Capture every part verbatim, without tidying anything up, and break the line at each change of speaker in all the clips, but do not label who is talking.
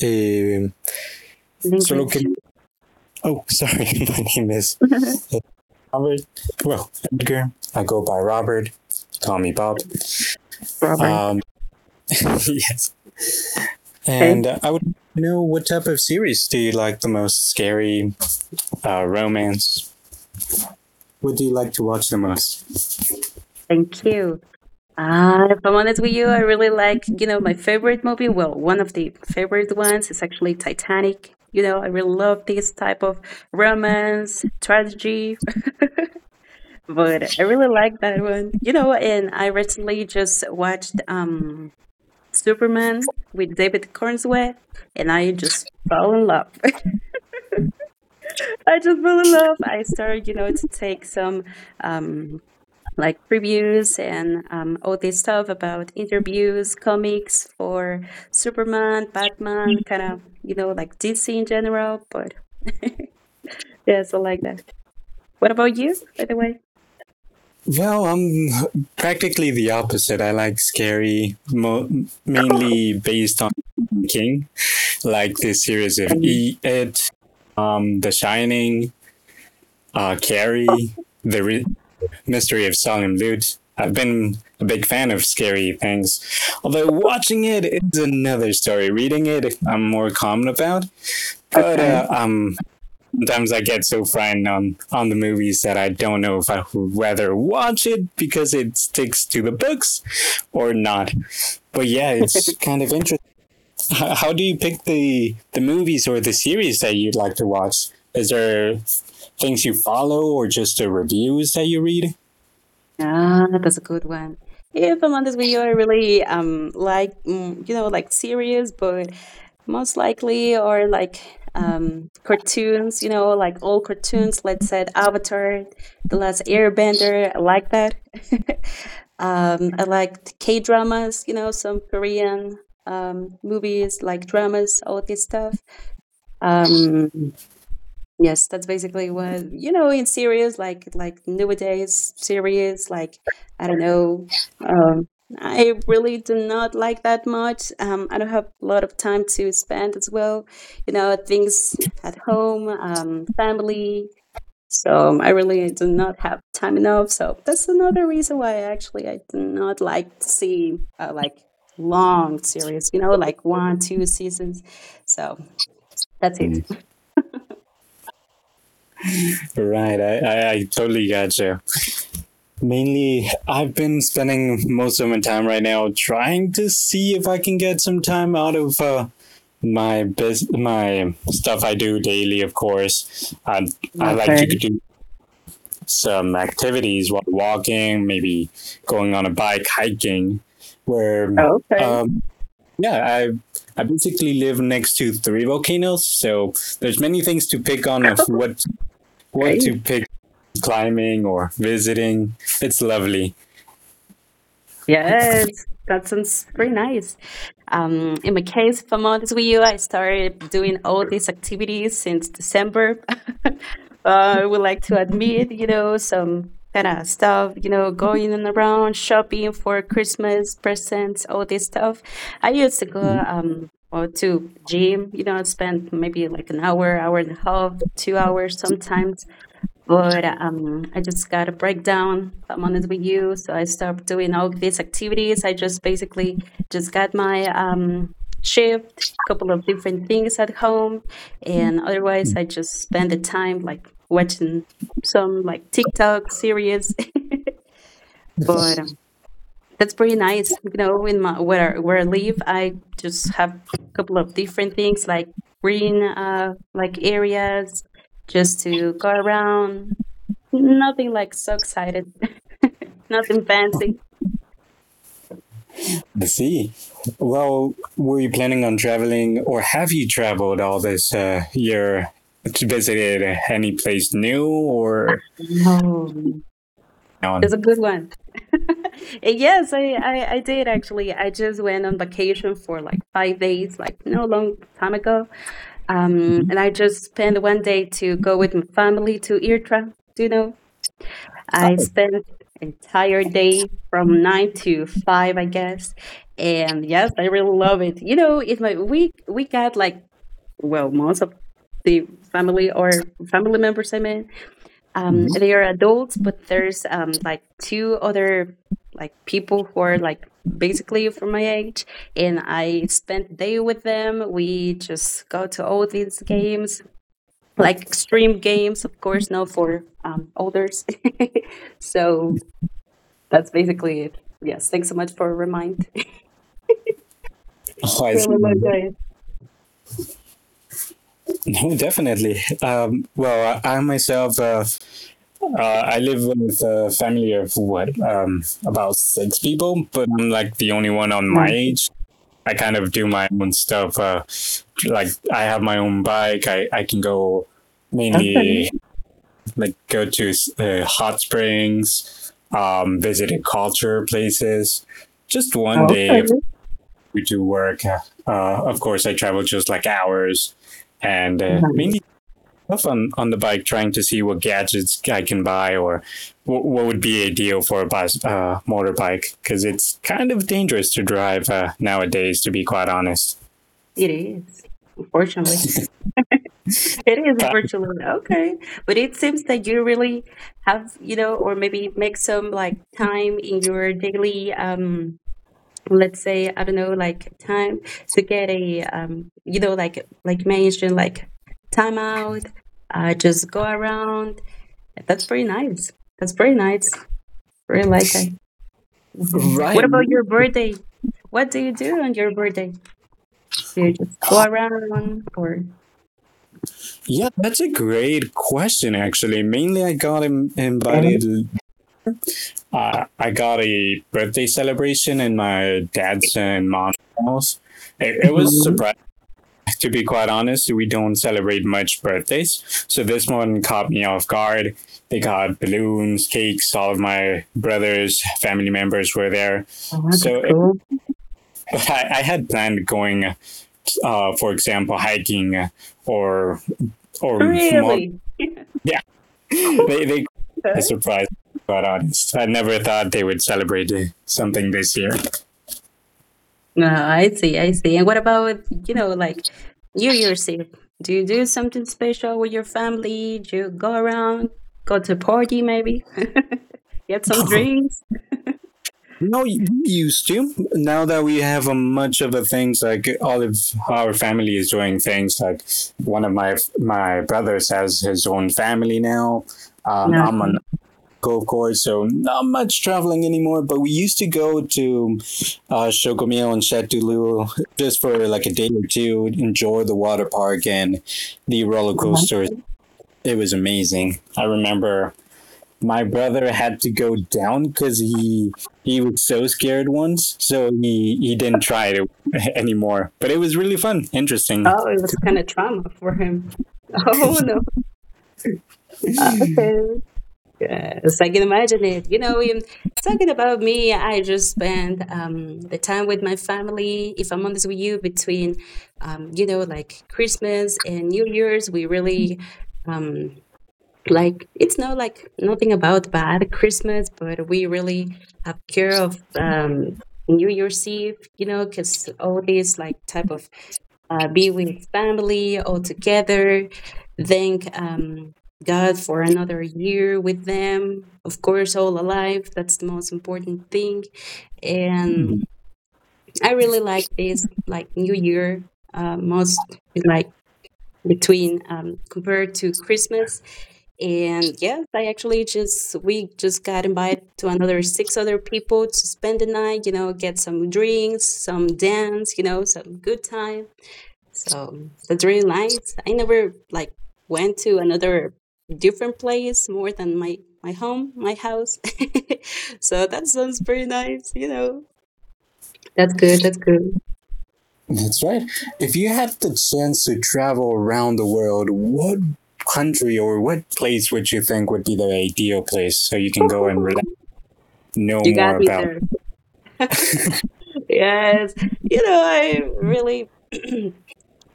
Eh,
In
solo que...
English.
Oh, sorry, my name is Robert. Well, Edgar. I go by Robert. Call me Bob.
Robert.
Um, yes. And
Okay.
uh, I would know what type of series do you like the most? Scary, uh, romance? What do you like to watch the most?
Thank you. Uh, if I'm honest with you, I really like, you know, my favorite movie. Well, one of the favorite ones is actually Titanic. You know, I really love this type of romance, tragedy. But I really like that one. You know, and I recently just watched um Superman with David Cornsway and I just fell in love. I just fell in love. I started, you know, to take some um like previews and um, all this stuff about interviews, comics for Superman, Batman, kind of, you know, like D C in general. But yeah, so like that. What about you, by the way?
Well, I'm practically the opposite. I like scary, mo- mainly based on King, like the series of
Um,
E, It, um, The Shining, uh, Carrie, The Re- Mystery of Solemn Lute. I've been a big fan of scary things, although watching it is another story. Reading it, I'm more calm about. But
Okay.
uh, um, sometimes I get so frightened on, on the movies, that I don't know if I would rather watch it because it sticks to the books or not. But yeah, it's kind of interesting. How, how do you pick the the movies or the series that you'd like to watch? Is there things you follow or just the reviews that you read?
Ah, that's a good one. Yeah, if I'm honest with you, I really um like mm, you know like series, but most likely or like um cartoons. You know, like old cartoons. Let's say Avatar, The Last Airbender. I like that. um, I like K dramas. You know, some Korean um movies like dramas, all this stuff. Um, Yes, that's basically what you know in series like like nowadays series like I don't know. Um, I really do not like that much. Um, I don't have a lot of time to spend as well. You know, things at home, um, family. So I really do not have time enough. So that's another reason why actually I do not like to see uh, like long series. You know, like one, two seasons. So that's it.
Right, I, I, I totally got you. Mainly, I've been spending most of my time right now trying to see if I can get some time out of uh, my bus- my stuff I do daily. Of course, I I like to
Okay.
do some activities while walking, maybe going on a bike, hiking, where
Okay.
um, yeah, I I basically live next to three volcanoes, so there's many things to pick on of what what
Great.
to pick climbing or visiting. It's lovely.
Yes, that sounds pretty nice. Um, in my case, if I'm with you, I started doing all these activities since December. uh, I would like to admit, you know, some kind of stuff, you know, going and around shopping for Christmas presents, all this stuff. I used to go um or to gym, you know, spend maybe like an hour, hour and a half, two hours sometimes. But um, I just got a breakdown. I'm honest with you, so I stopped doing all these activities. I just basically just got my um, shift, couple of different things at home, and otherwise I just spend the time like watching some like TikTok series. But um, that's pretty nice. You know, in my where where I live, I just have a couple of different things like green uh like areas just to go around. Nothing like so excited. Nothing fancy.
I see. Well, were you planning on traveling, or have you traveled all this uh, year? Visited any place new or
Oh,
on?
that's a good one. And yes, I, I I did actually. I just went on vacation for like five days, like no long time ago. Um, and I just spent one day to go with my family to Irtra. Do you know? I spent entire day from nine to five, I guess. And yes, I really love it. You know, in my we we got like well, most of the family or family members I mean, um, they are adults, but there's um like two other like people who are like basically from my age and I spent day with them. We just go to all these games, like extreme games, of course, not for um others. So that's basically it. Yes. Thanks so much for a remind.
Oh, I
Really
see.
low day.
No, definitely. Um, well, I myself uh, Uh, I live with a family of what, um, about six people, but I'm like the only one on
Yeah.
my age. I kind of do my own stuff. Uh, like I have my own bike. I, I can go
Okay.
mainly like go to uh, hot springs, um, visited culture places. Just one day
Okay.
we do work. Uh, of course, I travel just like hours, and uh,
Mhm.
mainly stuff on, on the bike, trying to see what gadgets I can buy or what, what would be ideal for a bus, uh, motorbike, because it's kind of dangerous to drive uh, nowadays, to be quite honest.
It is. Unfortunately, it is unfortunately. Okay. But it seems that you really have, you know, or maybe make some like time in your daily, um, let's say, I don't know, like time to get a, um, you know, like, like you mentioned, like time out, uh, just go around. That's pretty nice. That's pretty nice. Really like that. Mhm.
Right.
What about your birthday? What do you do on your birthday? Do you just go around or?
Yeah, that's a great question. Actually, mainly I got Im- invited. Uh, I got a birthday celebration in my dad's
Mm-hmm.
and mom's house. It, it was surprising. To be quite honest, we don't celebrate much birthdays, so this one caught me off guard. They got balloons, cakes, all of my brothers, family members were there.
Oh, that's
So it,
cool.
I, I had planned going, uh, for example, hiking or, or more.
Really?
Yeah,
Cool.
they, they, I
Okay.
surprised, but honest. I never thought they would celebrate something this year.
No, I see, I see. And what about, you know, like New Year's Eve? Do you do something special with your family? Do you go around, go to a party maybe? Get some drinks?
No, you used to. Now that we have a much of the things, like all of our family is doing things, like one of my my brothers has his own family now. Um,
No.
I'm an
Mhm.
uncle, of course, so not much traveling anymore. But we used to go to uh, Shogumiel and Chatulu just for like a day or two, enjoy the water park and the roller coasters. It was amazing. I remember my brother had to go down because he he was so scared once, so he he didn't try it anymore. But it was really fun, interesting.
Oh, it was kind of trauma for him. Oh, no. Okay. Yes, I can imagine it. You know, in talking about me, I just spend um, the time with my family. If I'm honest with you, between um, you know, like Christmas and New Year's, we really. Um, like it's no like nothing about bad Christmas, but we really have care of um New Year's Eve, you know because all these like type of uh, be with family all together, thank um God for another year with them, of course, all alive. That's the most important thing, and I really like this like new year uh, most like between um, compared to Christmas. And yes, I actually just we just got invited to another six other people to spend the night. You know, get some drinks, some dance. You know, some good time. So that's really nice. I never like went to another different place more than my my home, my house. So that sounds pretty nice. You know, that's good. That's good.
That's right. If you had the chance to travel around the world, what country or what place would you think would be the ideal place so you can go and relax, know
You
more
got me
about,
there. Yes. You know, I really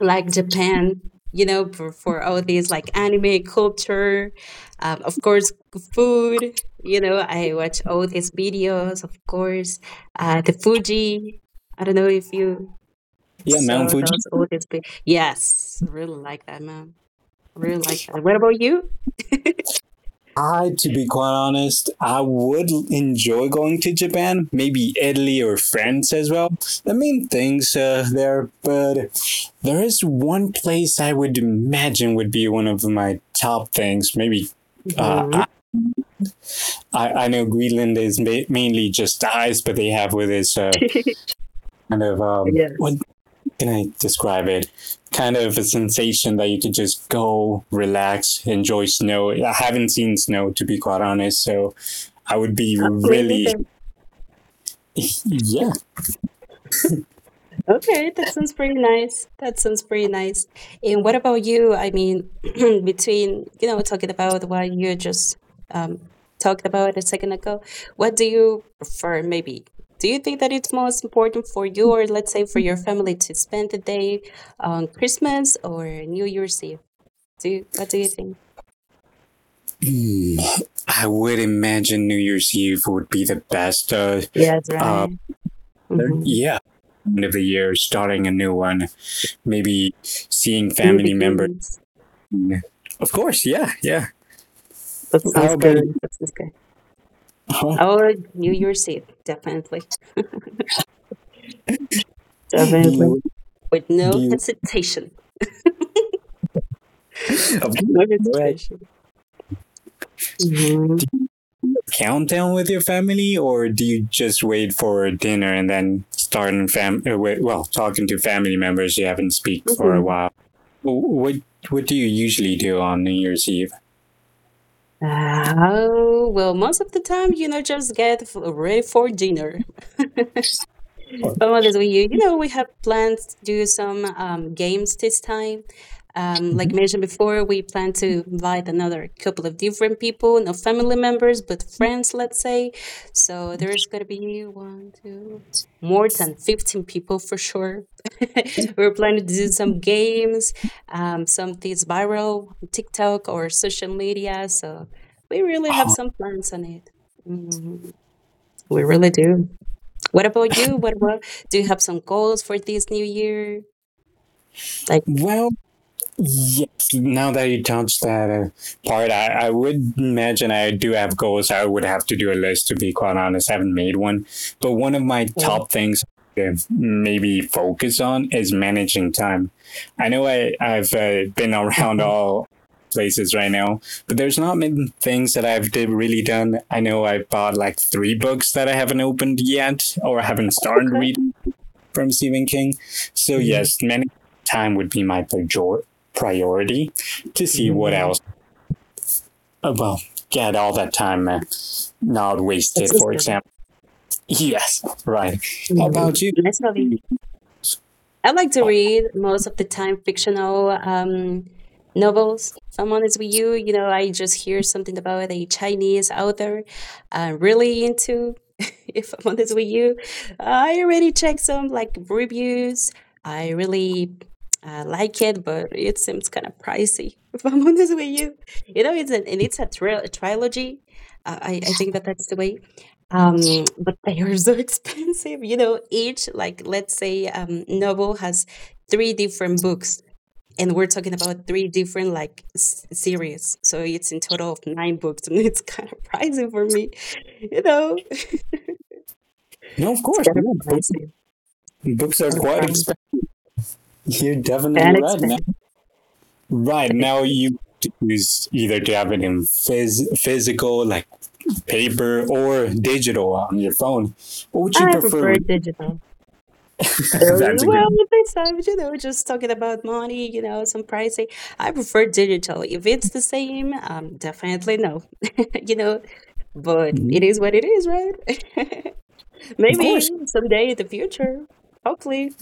like Japan, you know, for, for all these like anime culture, um, of course, food. You know, I watch all these videos, of course, uh, the Fuji. I don't know if you
yeah, Mount
saw
Fuji?
those, all these. vi- Yes, really like that, man. Really like that. What about you?
I, to be quite honest, I would enjoy going to Japan, maybe Italy or France as well. The main things uh, there, but there is one place I would imagine would be one of my top things. Maybe uh,
Hmm.
I, I know Greenland is ma- mainly just ice, but they have with this uh, kind of, um, what
Yes.
can I describe it? Kind of a sensation that you could just go, relax, enjoy snow. I haven't seen snow to be quite honest, so I would be
Uh, me
really,
neither.
yeah.
Okay, that sounds pretty nice. That sounds pretty nice. And what about you? I mean, between, you know, talking about what you just um, talked about a second ago, what do you prefer, maybe? Do you think that it's most important for you or let's say for your family to spend the day on Christmas or New Year's Eve? Do you, what do you think?
Mm. I would imagine New Year's Eve would be the best. Uh,
Yes,
uh,
right. Mm-hmm.
yeah, end of the year, starting a new one, maybe seeing
New
family members.
beginnings.
Of course, yeah, yeah.
That
How
sounds
about you?
good. That sounds good.
Huh?
Oh, New Year's Eve, definitely.
Do
Definitely.
you
With
do
no
you
hesitation.
of
No
course,
hesitation. Hmm.
countdown with your family, or do you just wait for dinner and then start in fam? uh, Well, talking to family members you haven't speak for a
Hmm.
while. What what do you usually do on New Year's Eve?
Oh, well, most of the time, you know, just get f- ready for dinner. For Mother's Day, you know, we have plans to do some um, games this time. Um, like mentioned before, we plan to invite another couple of different people, no family members, but friends, let's say. So there's going to be one, two, more than fifteen people for sure. We're planning to do some games, um, some things viral on TikTok or social media. So we really have some plans on it. Mhm. We really do. What about you? What about, do you have some goals for this new year? Like,
Well, yes. Now that you touched that uh, part, I, I would imagine I do have goals. I would have to do a list, to be quite honest. I haven't made one. But one of my
okay,
top things to maybe focus on is managing time. I know I, I've uh, been around
okay,
all places right now, but there's not many things that I've did, really done. I know I bought like three books that I haven't opened yet or haven't started
okay.
reading from Stephen King. So
Mhm,
yes, many time would be my prior- priority to see what
mhm.
else. Oh, well, get all that time uh, not
That's
wasted.
just
For
good.
example, yes, right. How about
Mhm.
you?
Nice hobby. I like to read most of the time fictional um, novels. If I'm honest with you, you know, I just hear something about a Chinese author I'm really into. If I'm honest with you, I already checked some like reviews. I really uh, like it, but it seems kind of pricey. If I'm honest with you, you know, it's an, and it's a, tri- trilogy. Uh, I I think that that's the way. Um, but they are so expensive. You know, each like let's say um, novel has three different books, and we're talking about three different like s- series. So it's in total of nine books, and it's kind of pricey for me. You know, it's
No, of course.
kind of
Yeah, book,
pricey,
books are
kind of
quite
fun,
expensive. You're
kind
definitely
of
right, man.
expensive.
Right
Kind of-
now,
expensive.
you choose either to have it in phys- physical, like paper, or digital on your phone. What would you
I
prefer?
prefer digital. Uh,
That's a great.
Well, besides, you know, just talking about money, you know, some pricing. I prefer digital. If it's the same, um, definitely no. you know, but
Mhm.
it is what it is, right?
Of
Maybe
course.
someday in the future, hopefully.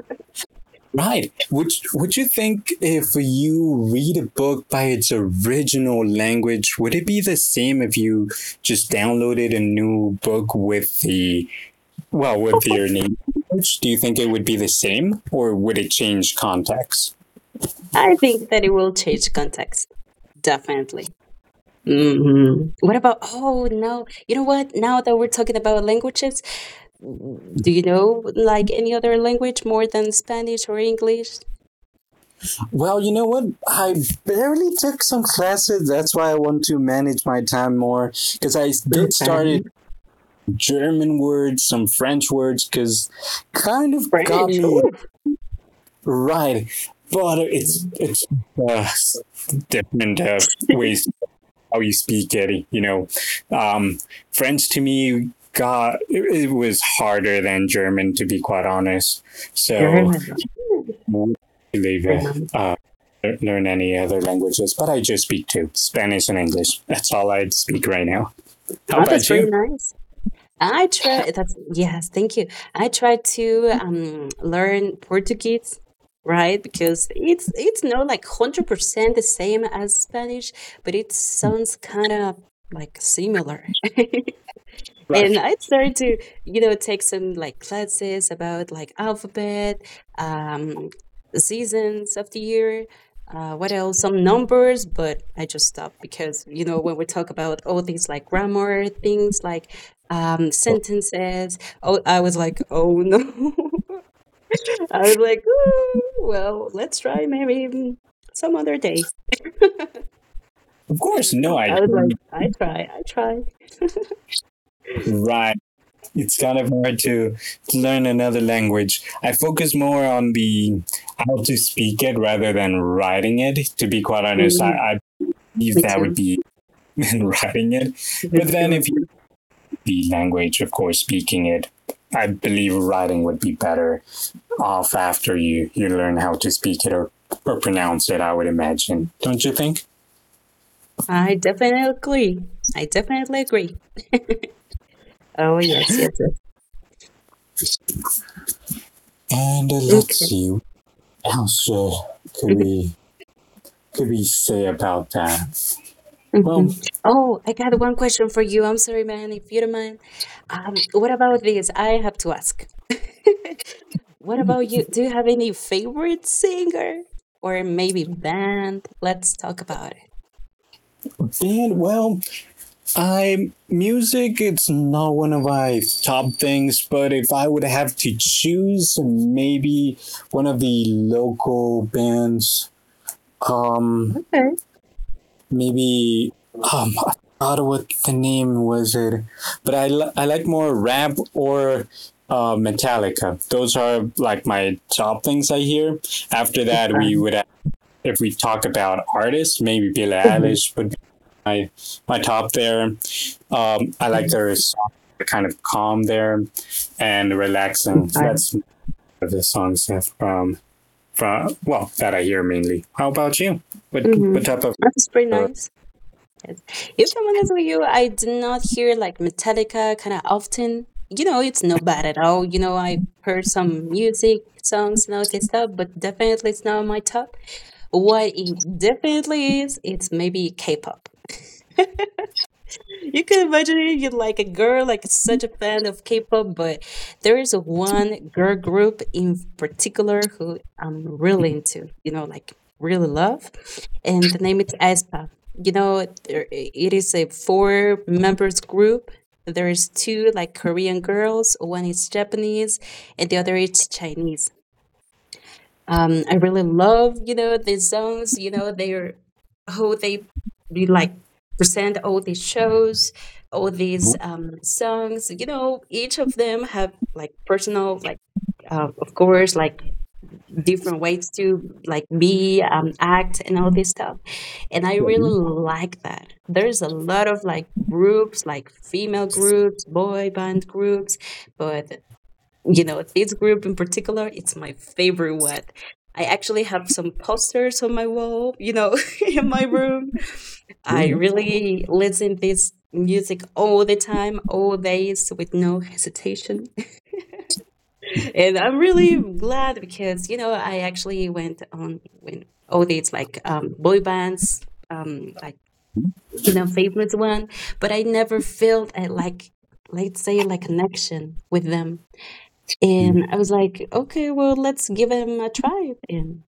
Right. Would Would you think, if you read a book by its original language, would it be the same if you just downloaded a new book with the, well, with your native language? Do you think it would be the same, or would it change context?
I think that it will change context, definitely. Mhm. What about, oh, no. You know what? Now that we're talking about languages, mm, do you know, like, any other language more than Spanish or English?
Well, you know what? I barely took some classes. That's why I want to manage my time more because I did started
Okay.
German words, some French words, because kind of got
French. Oh.
me. Right. But it's
Mm.
it's uh, different uh, ways how you speak it. You know, um, French to me, God, it, it was harder than German to be quite honest. So
German. Hmm.
i
Pretty
it,
nice.
uh, uh, learn any other languages, but I just speak two, Spanish and English. That's all I speak right now. How
Oh, that's
about
pretty
you?
nice. I try, that's, yes, thank you. I tried to um learn Portuguese, right? Because it's it's not like one hundred percent the same as Spanish, but it sounds kind of like similar. And
Right.
I started to, you know, take some like classes about like alphabet, um, seasons of the year, uh, what else, some numbers, but I just stopped because, you know, when we talk about all things like grammar, things like um, sentences, oh, I was like, oh no. I was like, "Ooh, well, let's try maybe some other day."
Of course, no, I
I was
don't.
like, I try, I try.
Right. It's kind of hard to, to learn another language. I focus more on the how to speak it rather than writing it. To be quite honest, I,
Mm,
I believe
me
that would
too.
be writing it.
Me
But then if you
too.
the language, of course, speaking it, I believe writing would be better off after you, you learn how to speak it or, or pronounce it, I would imagine. Don't you think?
I definitely agree. I definitely agree. Oh, yes, yes, yes.
And uh, let's
Okay.
see, what else uh, could we could we say about that? Well,
Hmm. Oh, I got one question for you. I'm sorry, man, if you don't mind. Um, what about this? I have to ask. What about you? Do you have any favorite singer or maybe band? Let's talk about it.
band, well, I music, it's not one of my top things, but if I would have to choose maybe one of the local bands, um
Okay.
maybe um I forgot what the name was it. But I li- I like more rap or uh Metallica. Those are like my top things I hear. After that, we
Okay.
would, if we talk about artists, maybe Billie
Mm-hmm.
Eilish would be my my top there. Um, I like their song, kind of calm there and relaxing.
Okay.
That's one of the songs, yeah, from from well that I hear mainly. How about you? What
Hmm.
what type of
That's pretty nice. Yes. If I'm honest with you, I do not hear like Metallica kind of often. You know, it's not bad at all. You know, I heard some music, songs, and all this stuff, but definitely it's not my top. What it definitely is, it's maybe K pop. You can imagine it. You're like a girl, like such a fan of K-pop, but there is one girl group in particular who I'm really into. You know, like really love, and the name is aespa. You know, there, it is a four members group. There is two like Korean girls, one is Japanese, and the other is Chinese. um I really love, you know, the songs, you know, their how they be like present all these shows, all these um songs, you know. Each of them have like personal like uh, of course like different ways to like be um act and all this stuff, and I really like that. There's a lot of like groups, like female groups, boy band groups, but you know, this group in particular, it's my favorite one. I actually have some posters on my wall, you know, in my room. I
Mm-hmm.
really listen this music all the time, all days with no hesitation. and I'm really glad because, you know, I actually went on when all these like um, boy bands, um, like, you know, favorite one, but I never felt uh, like, let's say, like connection with them, and I was like, okay, well, let's give him a try. And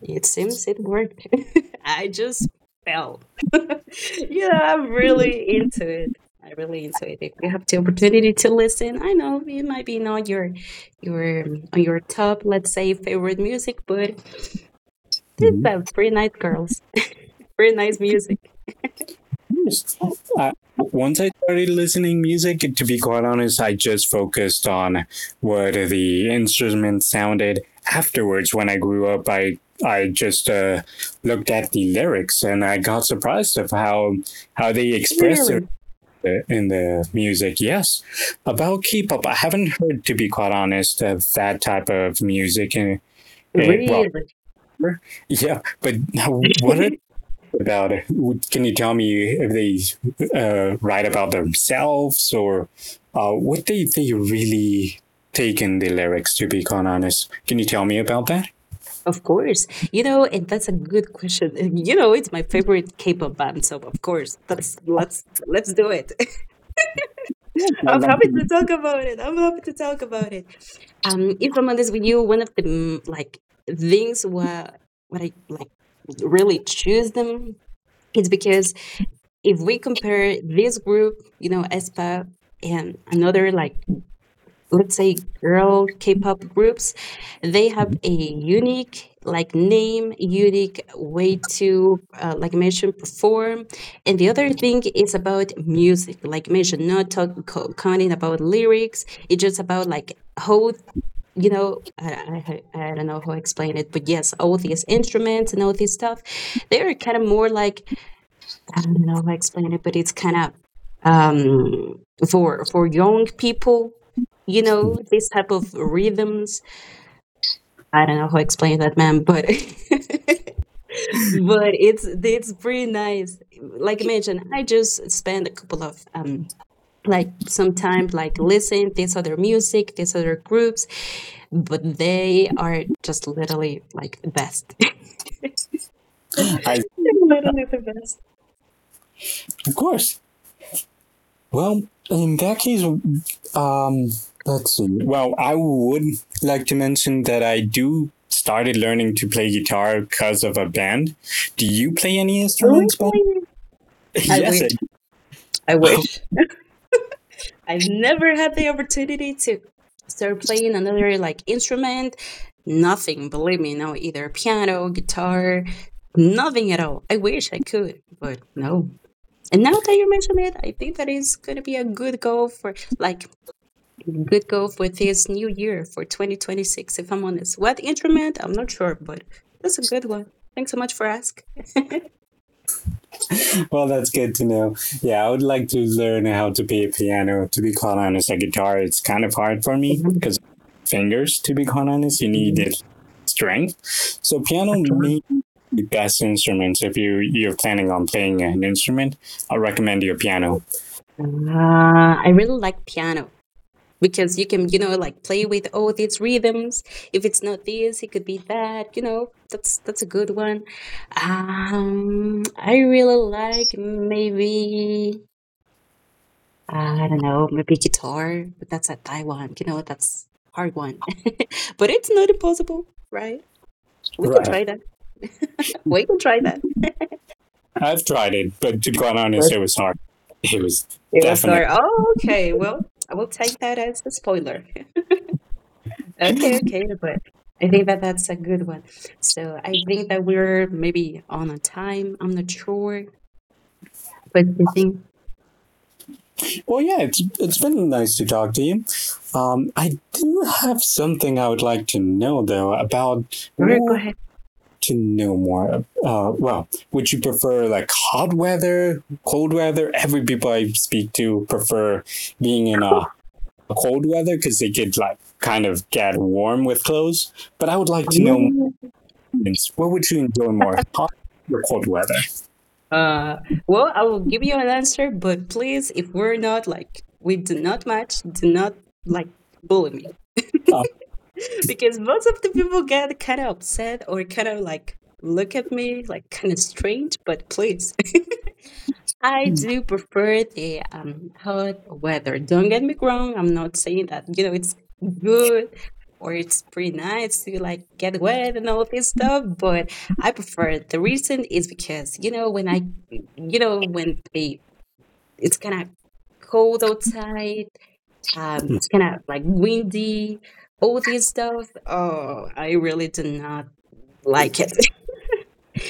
it seems it worked. I just fell. yeah, I'm really into it. I really into it. If you have the opportunity to listen, I know it might be not your your um, on your top, let's say, favorite music, but they
Mm-hmm.
have pretty nice girls, pretty nice music. Oh,
Uh, once I started listening music, to be quite honest, I just focused on what the instruments sounded. Afterwards, when I grew up, I I just uh, looked at the lyrics and I got surprised of how how they express it
really?
in the music. Yes, about K-pop, I haven't heard, to be quite honest, of that type of music. And well,
Really?
yeah, but what are about, can you tell me if they uh, write about themselves, or uh, what they, they really take in the lyrics, to be quite honest? Can you tell me about that?
Of course. You know, and that's a good question. And you know, it's my favorite K-pop band, so of course, that's let's let's do it.
I'd
I'm
like
happy to talk about it. I'm happy to talk about it. Um, if I'm honest with you, one of the mm, like things where what I like really choose them is because if we compare this group, you know, ESPA and another like let's say girl K-pop groups, they have
to.
a unique like name, unique way to uh, like I mentioned perform, and the other thing is about music like I mentioned, not talk co- counting about lyrics. It's just about like how, you know, I, I, I don't know how to explain it, but yes, all these instruments and all this stuff, they're kind of more like I don't know how to explain it, but it's kind of um, for for young people, you know, this type of rhythms. I don't know how to explain that, man, but but it's it's pretty nice. Like I mentioned, I just spend a couple of um, like sometimes like listen this other music, these other groups, but they are just literally like the best.
I,
literally the best.
of course, well, in that case, um, let's see, well, I would like to mention that I do started learning to play guitar because of a band. Do you play any instruments by
Really? I
yes i.
literally. I wish. I've never had the opportunity to start playing another like instrument. Nothing, believe me, no, either piano, guitar, nothing at all. I wish I could, but no. And now that you mention it, I think that is going to be a good goal for like good goal for this new year for twenty twenty-six if I'm honest. What instrument? I'm not sure, but that's a good one. Thanks so much for asking.
Well, that's good to know. Yeah, I would like to learn how to play piano. To be quite honest, a guitar, it's kind of hard for me
Okay.
because fingers. To be quite honest, you need it strength. So piano may be the best instrument if you you're planning on playing an instrument. I recommend your piano.
Uh, I really like piano, because you can, you know, like play with all these rhythms. If it's not this, it could be that, you know. that's that's a good one. um I really like, maybe I don't know, maybe guitar, but that's a Taiwan. You know, that's hard one, but it's not impossible, right? We can
Right.
try that. we can try that.
I've tried it, but to be quite honest,
But
it was hard. It was
it was
definite.
hard. Oh, okay, well, I will take that as a spoiler. Okay, okay, but I think that that's a good one. So I think that we're maybe on a time. I'm not sure, but I think.
Well, yeah, it's it's been nice to talk to you. Um, I do have something I would like to know though about
All right, go
what
ahead.
to know more. Uh, well, would you prefer like hot weather, cold weather? Every people I speak to prefer being in a cold weather because they could like kind of get warm with clothes. But I would like to know more. What would you enjoy more, hot or cold weather?
Uh, well, I will give you an answer, but please, if we're not like we do not match, do not like bully me,
Uh,
because most of the people get kind of upset or kind of like look at me like kind of strange. But please. I do prefer the um, hot weather. Don't get me wrong. I'm not saying that, you know, it's good or it's pretty nice to like get wet and all this stuff, but I prefer it. The reason is because, you know, when I, you know, when they, it's kind of cold outside, um, it's kind of like windy, all this stuff. Oh, I really do not like it.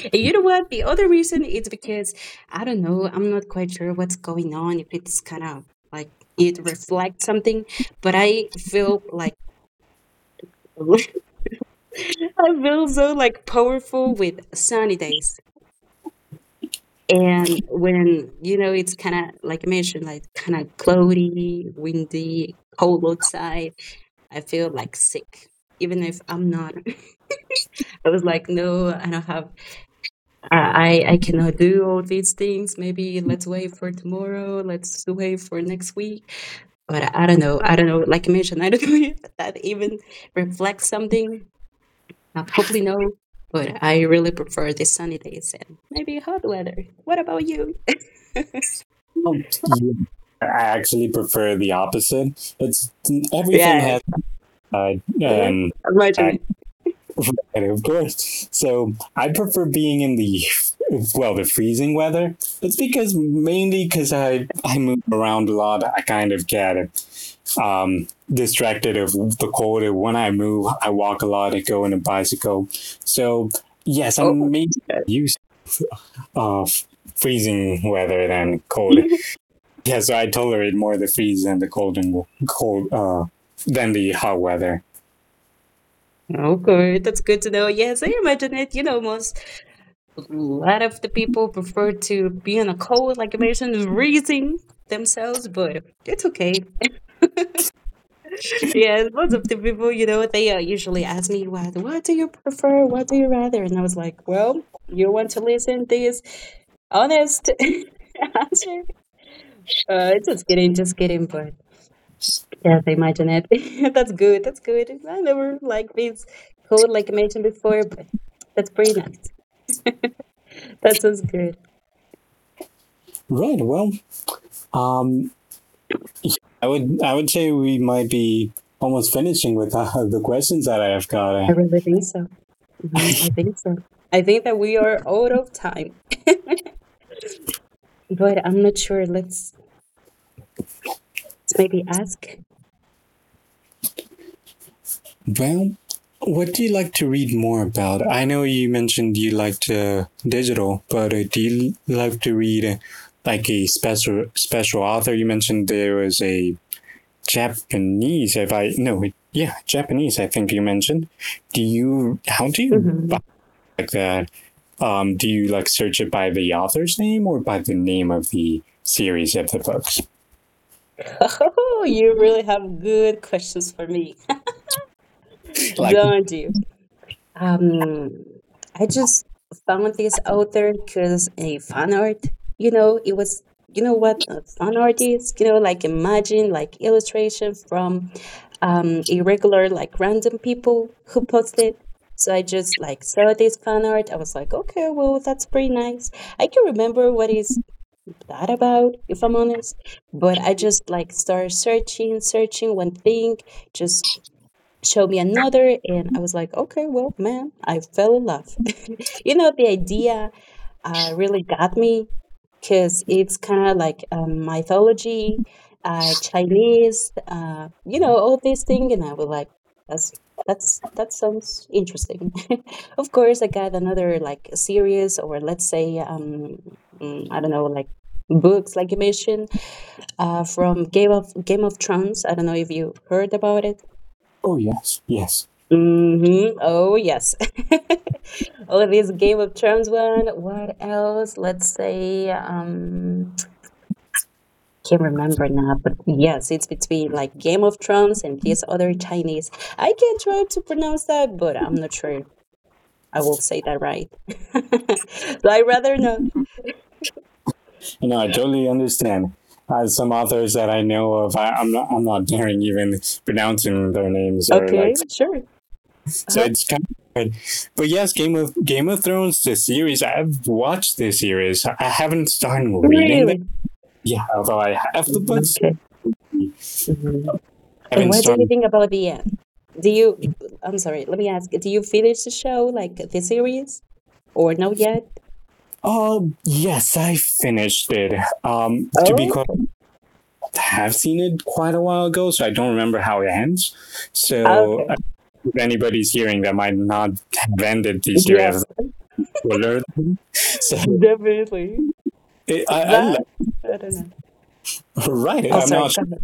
And you know what? The other reason is because I don't know, I'm not quite sure what's going on, if it's kind of like it reflects something, but I feel like I feel so like powerful with sunny days. And when, you know, it's kind of like I mentioned, like kind of cloudy, windy, cold outside, I feel like sick, even if I'm not. I was like, no, I don't have I, I cannot do all these things. Maybe let's wait for tomorrow. Let's wait for next week. But I don't know. I don't know. Like I mentioned, I don't know if that even reflects something. Uh, hopefully, no. But I really prefer the sunny days and maybe hot weather. What about you?
yeah. I actually prefer the opposite. It's everything
yeah.
has uh, an uh,
Imagine it.
right, of course. So I prefer being in the well, the freezing weather. It's because mainly because I I move around a lot. I kind of get um, distracted of the cold. And when I move, I walk a lot. I go on a bicycle. So yes,
Oh.
I'm making
Okay,
use of freezing weather than cold. Yeah, so I tolerate more the freeze than the cold and cold uh, than the hot weather.
okay, that's good to know. Yes, I imagine it. You know, most a lot of the people prefer to be in a cold, like I mentioned, freezing themselves, but it's okay. yeah, lots of the people, you know, they uh, usually ask me, what, what do you prefer? What do you rather? And I was like, well, you want to listen this honest answer? Uh, just kidding, just kidding, but yeah, I imagine it. that's good, that's good. I never like this cold, like I mentioned before, but that's pretty nice. that sounds good.
Right. Well, um, I would I would say we might be almost finishing with uh, the questions that I have
I
got.
really think so. Hmm. I think so. I think that we are out of time, but I'm not sure. Let's, let's maybe ask.
Well, what do you like to read more about? I know you mentioned you liked uh, digital, but uh, do you like to read uh, like a special special author? You mentioned there was a Japanese. If I no, yeah, Japanese. I think you mentioned. Do you how do you buy
Mhm.
like that? Um, do you like search it by the author's name or by the name of the series of the books?
Oh, you really have good questions for me,
Like
don't you? Um, I just found this author because a fan art, you know, it was, you know what a fan art is? You know, like imagine like illustration from um, irregular, like random people who posted. So I just like saw this fan art. I was like, okay, well, that's pretty nice. I can remember what is that about, if I'm honest. But I just like started searching, searching one thing, just showed me another, and I was like okay well man I fell in love. you know, the idea uh, really got me because it's kind of like um, mythology, uh, Chinese, uh, you know, all these things, and I was like, that's that's that sounds interesting. of course, I got another like series or let's say um, mm, I don't know, like books like you mentioned, uh, from game of Game of Thrones. I don't know if you heard about it.
oh yes, yes.
Mm-hmm. Oh, yes. All of these Game of Thrones one. What else? Let's say, um, can't remember now, but yes, it's between like Game of Thrones and this other Chinese. I can try to pronounce that, but I'm not sure I will say that right. So I rather not.
You know, I totally understand. Uh, some authors that I know of, I, I'm not, I'm not daring even pronouncing their names or
Okay,
like.
sure.
So
Uh-huh.
it's kind of weird. But yes, Game of Game of Thrones, the series. I've watched the series. I haven't started reading them.
Really?
Yeah, although I have the
Mm-hmm.
books,
Okay. Mm-hmm.
I
And
haven't
what do you
started.
think about the end? Do you, I'm sorry, let me ask, do you finish the show, like the series, or not yet?
Oh yes, I finished it. Um, to be quite,
Okay.
I have seen it quite a while ago, so I don't remember how it ends. So
Okay.
if anybody's hearing that might not have ended the series
Yes,
spoiler. So
definitely.
it, I, I
That, I don't know.
right.
Oh,
I'm
sorry,
not.
go
su-
ahead.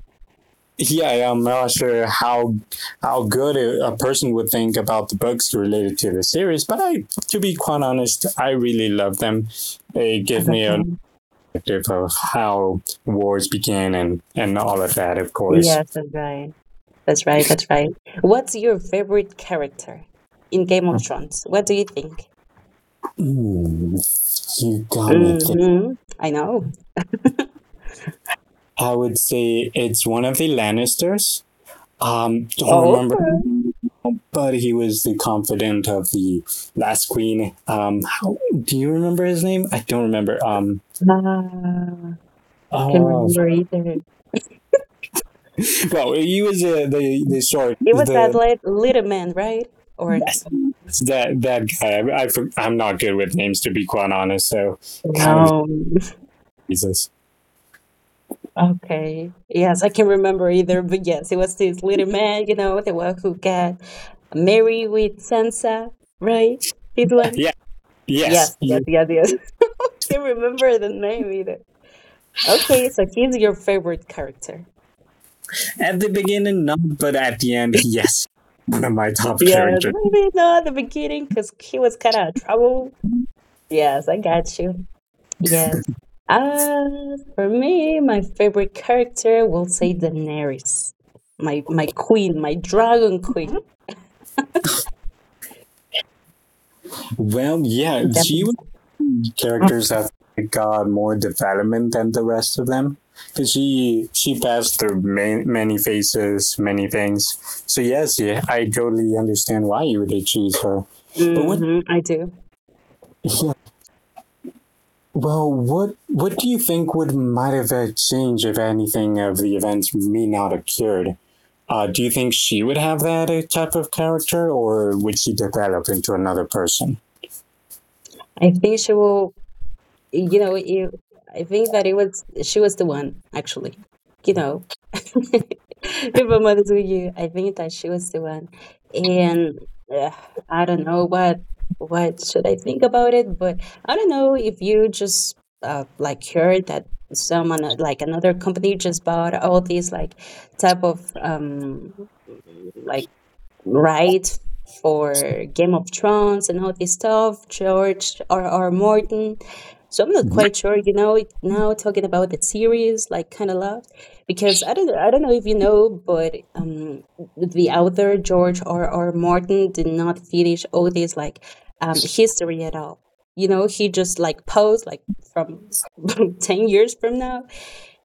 Yeah, I'm not sure how how good a person would think about the books related to the series. But I, to be quite honest, I really love them. They give me an
Understand.
perspective of how wars began and and all of that. Of course,
Yes, that's right. That's right. That's right. What's your favorite character in Game of Thrones? What do you think?
hmm, you got me.
Mm-hmm. I know.
I would say it's one of the Lannisters. Um, don't
Oh,
remember
okay.
but he was the confidant of the last queen. Um, how, do you remember his name? I don't remember. Um,
Ah, can not
oh,
remember either.
well, he was uh, the the sorry
It was that
the
lit- little man, right? Or
that that guy. I, I I'm not good with names to be quite honest. So kind of
no?
Jesus.
Okay. Yes, I can remember either, but yes, it was this little man, you know, the one who got married with Sansa, right? This one?
Yeah. Yes.
Yes, yes, yes, yes. Can't remember the name either. Okay, so he's your favorite character.
At the beginning, not, but at the end, yes. One of my top
Yes,
characters.
maybe not at the beginning because he was kind of trouble. Yes, I got you. Yes. Uh, for me, my favorite character will say Daenerys, my my queen, my dragon queen.
Well, yeah, she was
Definitely.
characters have got more development than the rest of them because she she passed through many, many phases, many things. So yes, yeah, I totally understand why you would choose her. But what?
Hmm. I do.
Yeah, well, what what do you think would might have uh, changed if anything of the events may not have occurred? Uh, do you think she would have that uh, type of character, or would she develop into another person?
I think she will, you know, you I think that it was she was the one actually, you know. if I'm honest with you, I think that she was the one, and uh, I don't know what what should I think about it, but I don't know if you just uh, like heard that someone uh, like another company just bought all these like type of um like right? For Game of Thrones and all this stuff, George R. R. Martin. So I'm not quite sure, you know, it- now talking about the series, like kind of love, because I don't I don't know if you know, but um, the author George R. R. Martin did not finish all this like um history at all. You know, he just like posed like from ten years from now,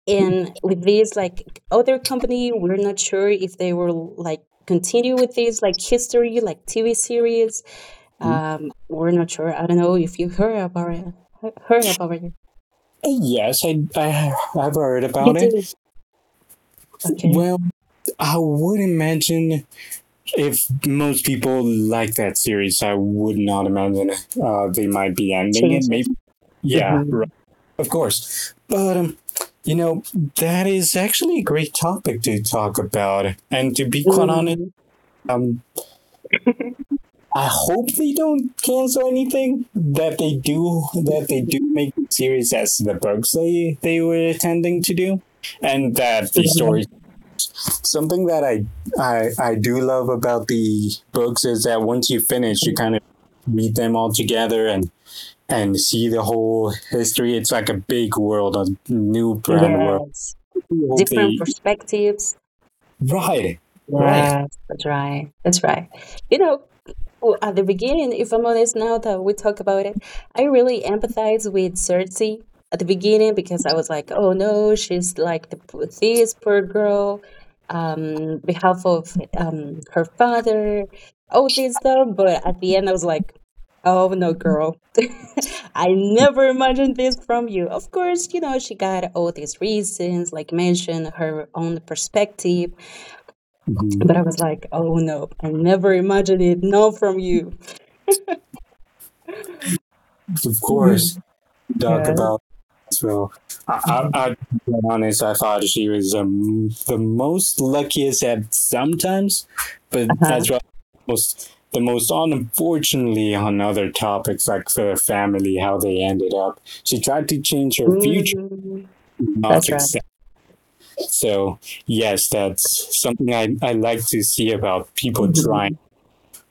and with this like other company, we're not sure if they will like continue with this like history, like TV series.
Mm-hmm.
Um we're not sure. I don't know if you heard about it. He- heard about it.
Yes, I, I have heard
You
about it.
did. Okay,
Well, I would imagine if most people like that series, I would not imagine uh, they might be ending it.
change it.
Maybe, yeah,
Hmm.
right, of course. But um, you know, that is actually a great topic to talk about. And to be quite honest,
Hmm.
um, I hope they don't cancel anything. That they do, that they do make the series as the books they they were intending to do, and that the story something that I, I I do love about the books is that once you finish, you kind of read them all together and and see the whole history. It's like a big world, a new brand world.
yes,
We hope
different
they
perspectives.
right. Right.
Yes, that's right. That's right. You know, w- at the beginning, if I'm honest, now that we talk about it, I really empathize with Cersei at the beginning because I was like, oh no, she's like the, p- this poor girl, um, behalf of um her father, all this stuff. But at the end, I was like, oh no, girl, I never imagined this from you. Of course, you know, she got all these reasons, like mentioned her own perspective,
Mhm.
but I was like, oh no, I never imagined it. No, from you.
Of course.
Mhm.
Dark
Yeah.
about as well. I, I, I,
Mhm.
to be honest, I thought she was um, the most luckiest at sometimes, but
Uh-huh.
as well most the most unfortunately on other topics like the family, how they ended up. She tried to change her future,
Mm,
not
that's right.
success. So yes, that's something I, I like to see about people trying
Mhm.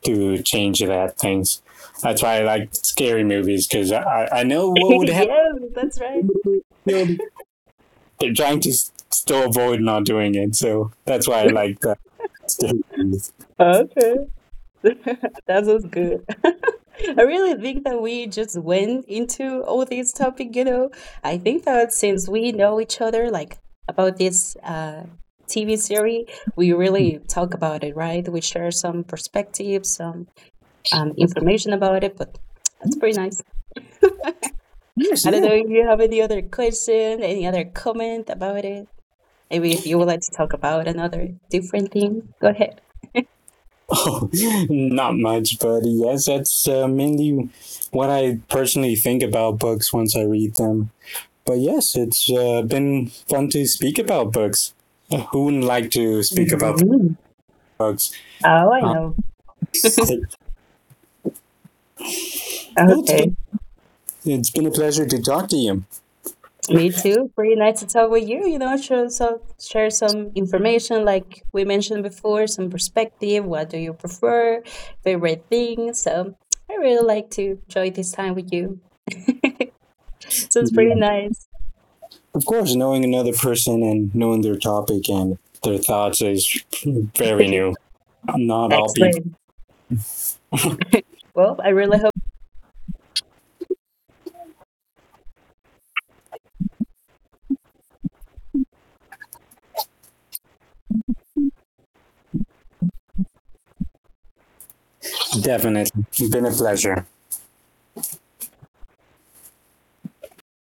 to change that things. That's why I like scary movies because I, I know what would happen
yes, that's
if
right.
you killed they're trying to still avoid not doing it. So that's why I like that. Statement.
Okay. that was good. I really think that we just went into all this topic, you know. I think that since we know each other, like about this uh, T V series, we really talk about it, right? We share some perspectives, some um, information about it, but that's pretty nice.
Yes,
I don't
yeah.
know if you have any other question, any other comment about it. Maybe if you would like to talk about another different thing, go ahead.
Oh, not much, but yes, that's uh, mainly what I personally think about books once I read them. But yes, it's uh, been fun to speak about books. Uh, Who wouldn't like to speak about their
Mhm.
books?
Oh, I
Uh,
know.
it, well, it's been
Okay.
it's been a pleasure to talk to you.
Me too. Pretty nice to talk with you. You know, share some share some information like we mentioned before, some perspective. What do you prefer? Favorite thing. So I really like to enjoy this time with you. so it's pretty
Yeah.
nice.
Of course, knowing another person and knowing their topic and their thoughts is very new. Not all people
Excellent. Well, I really hope
definitely. Been a pleasure.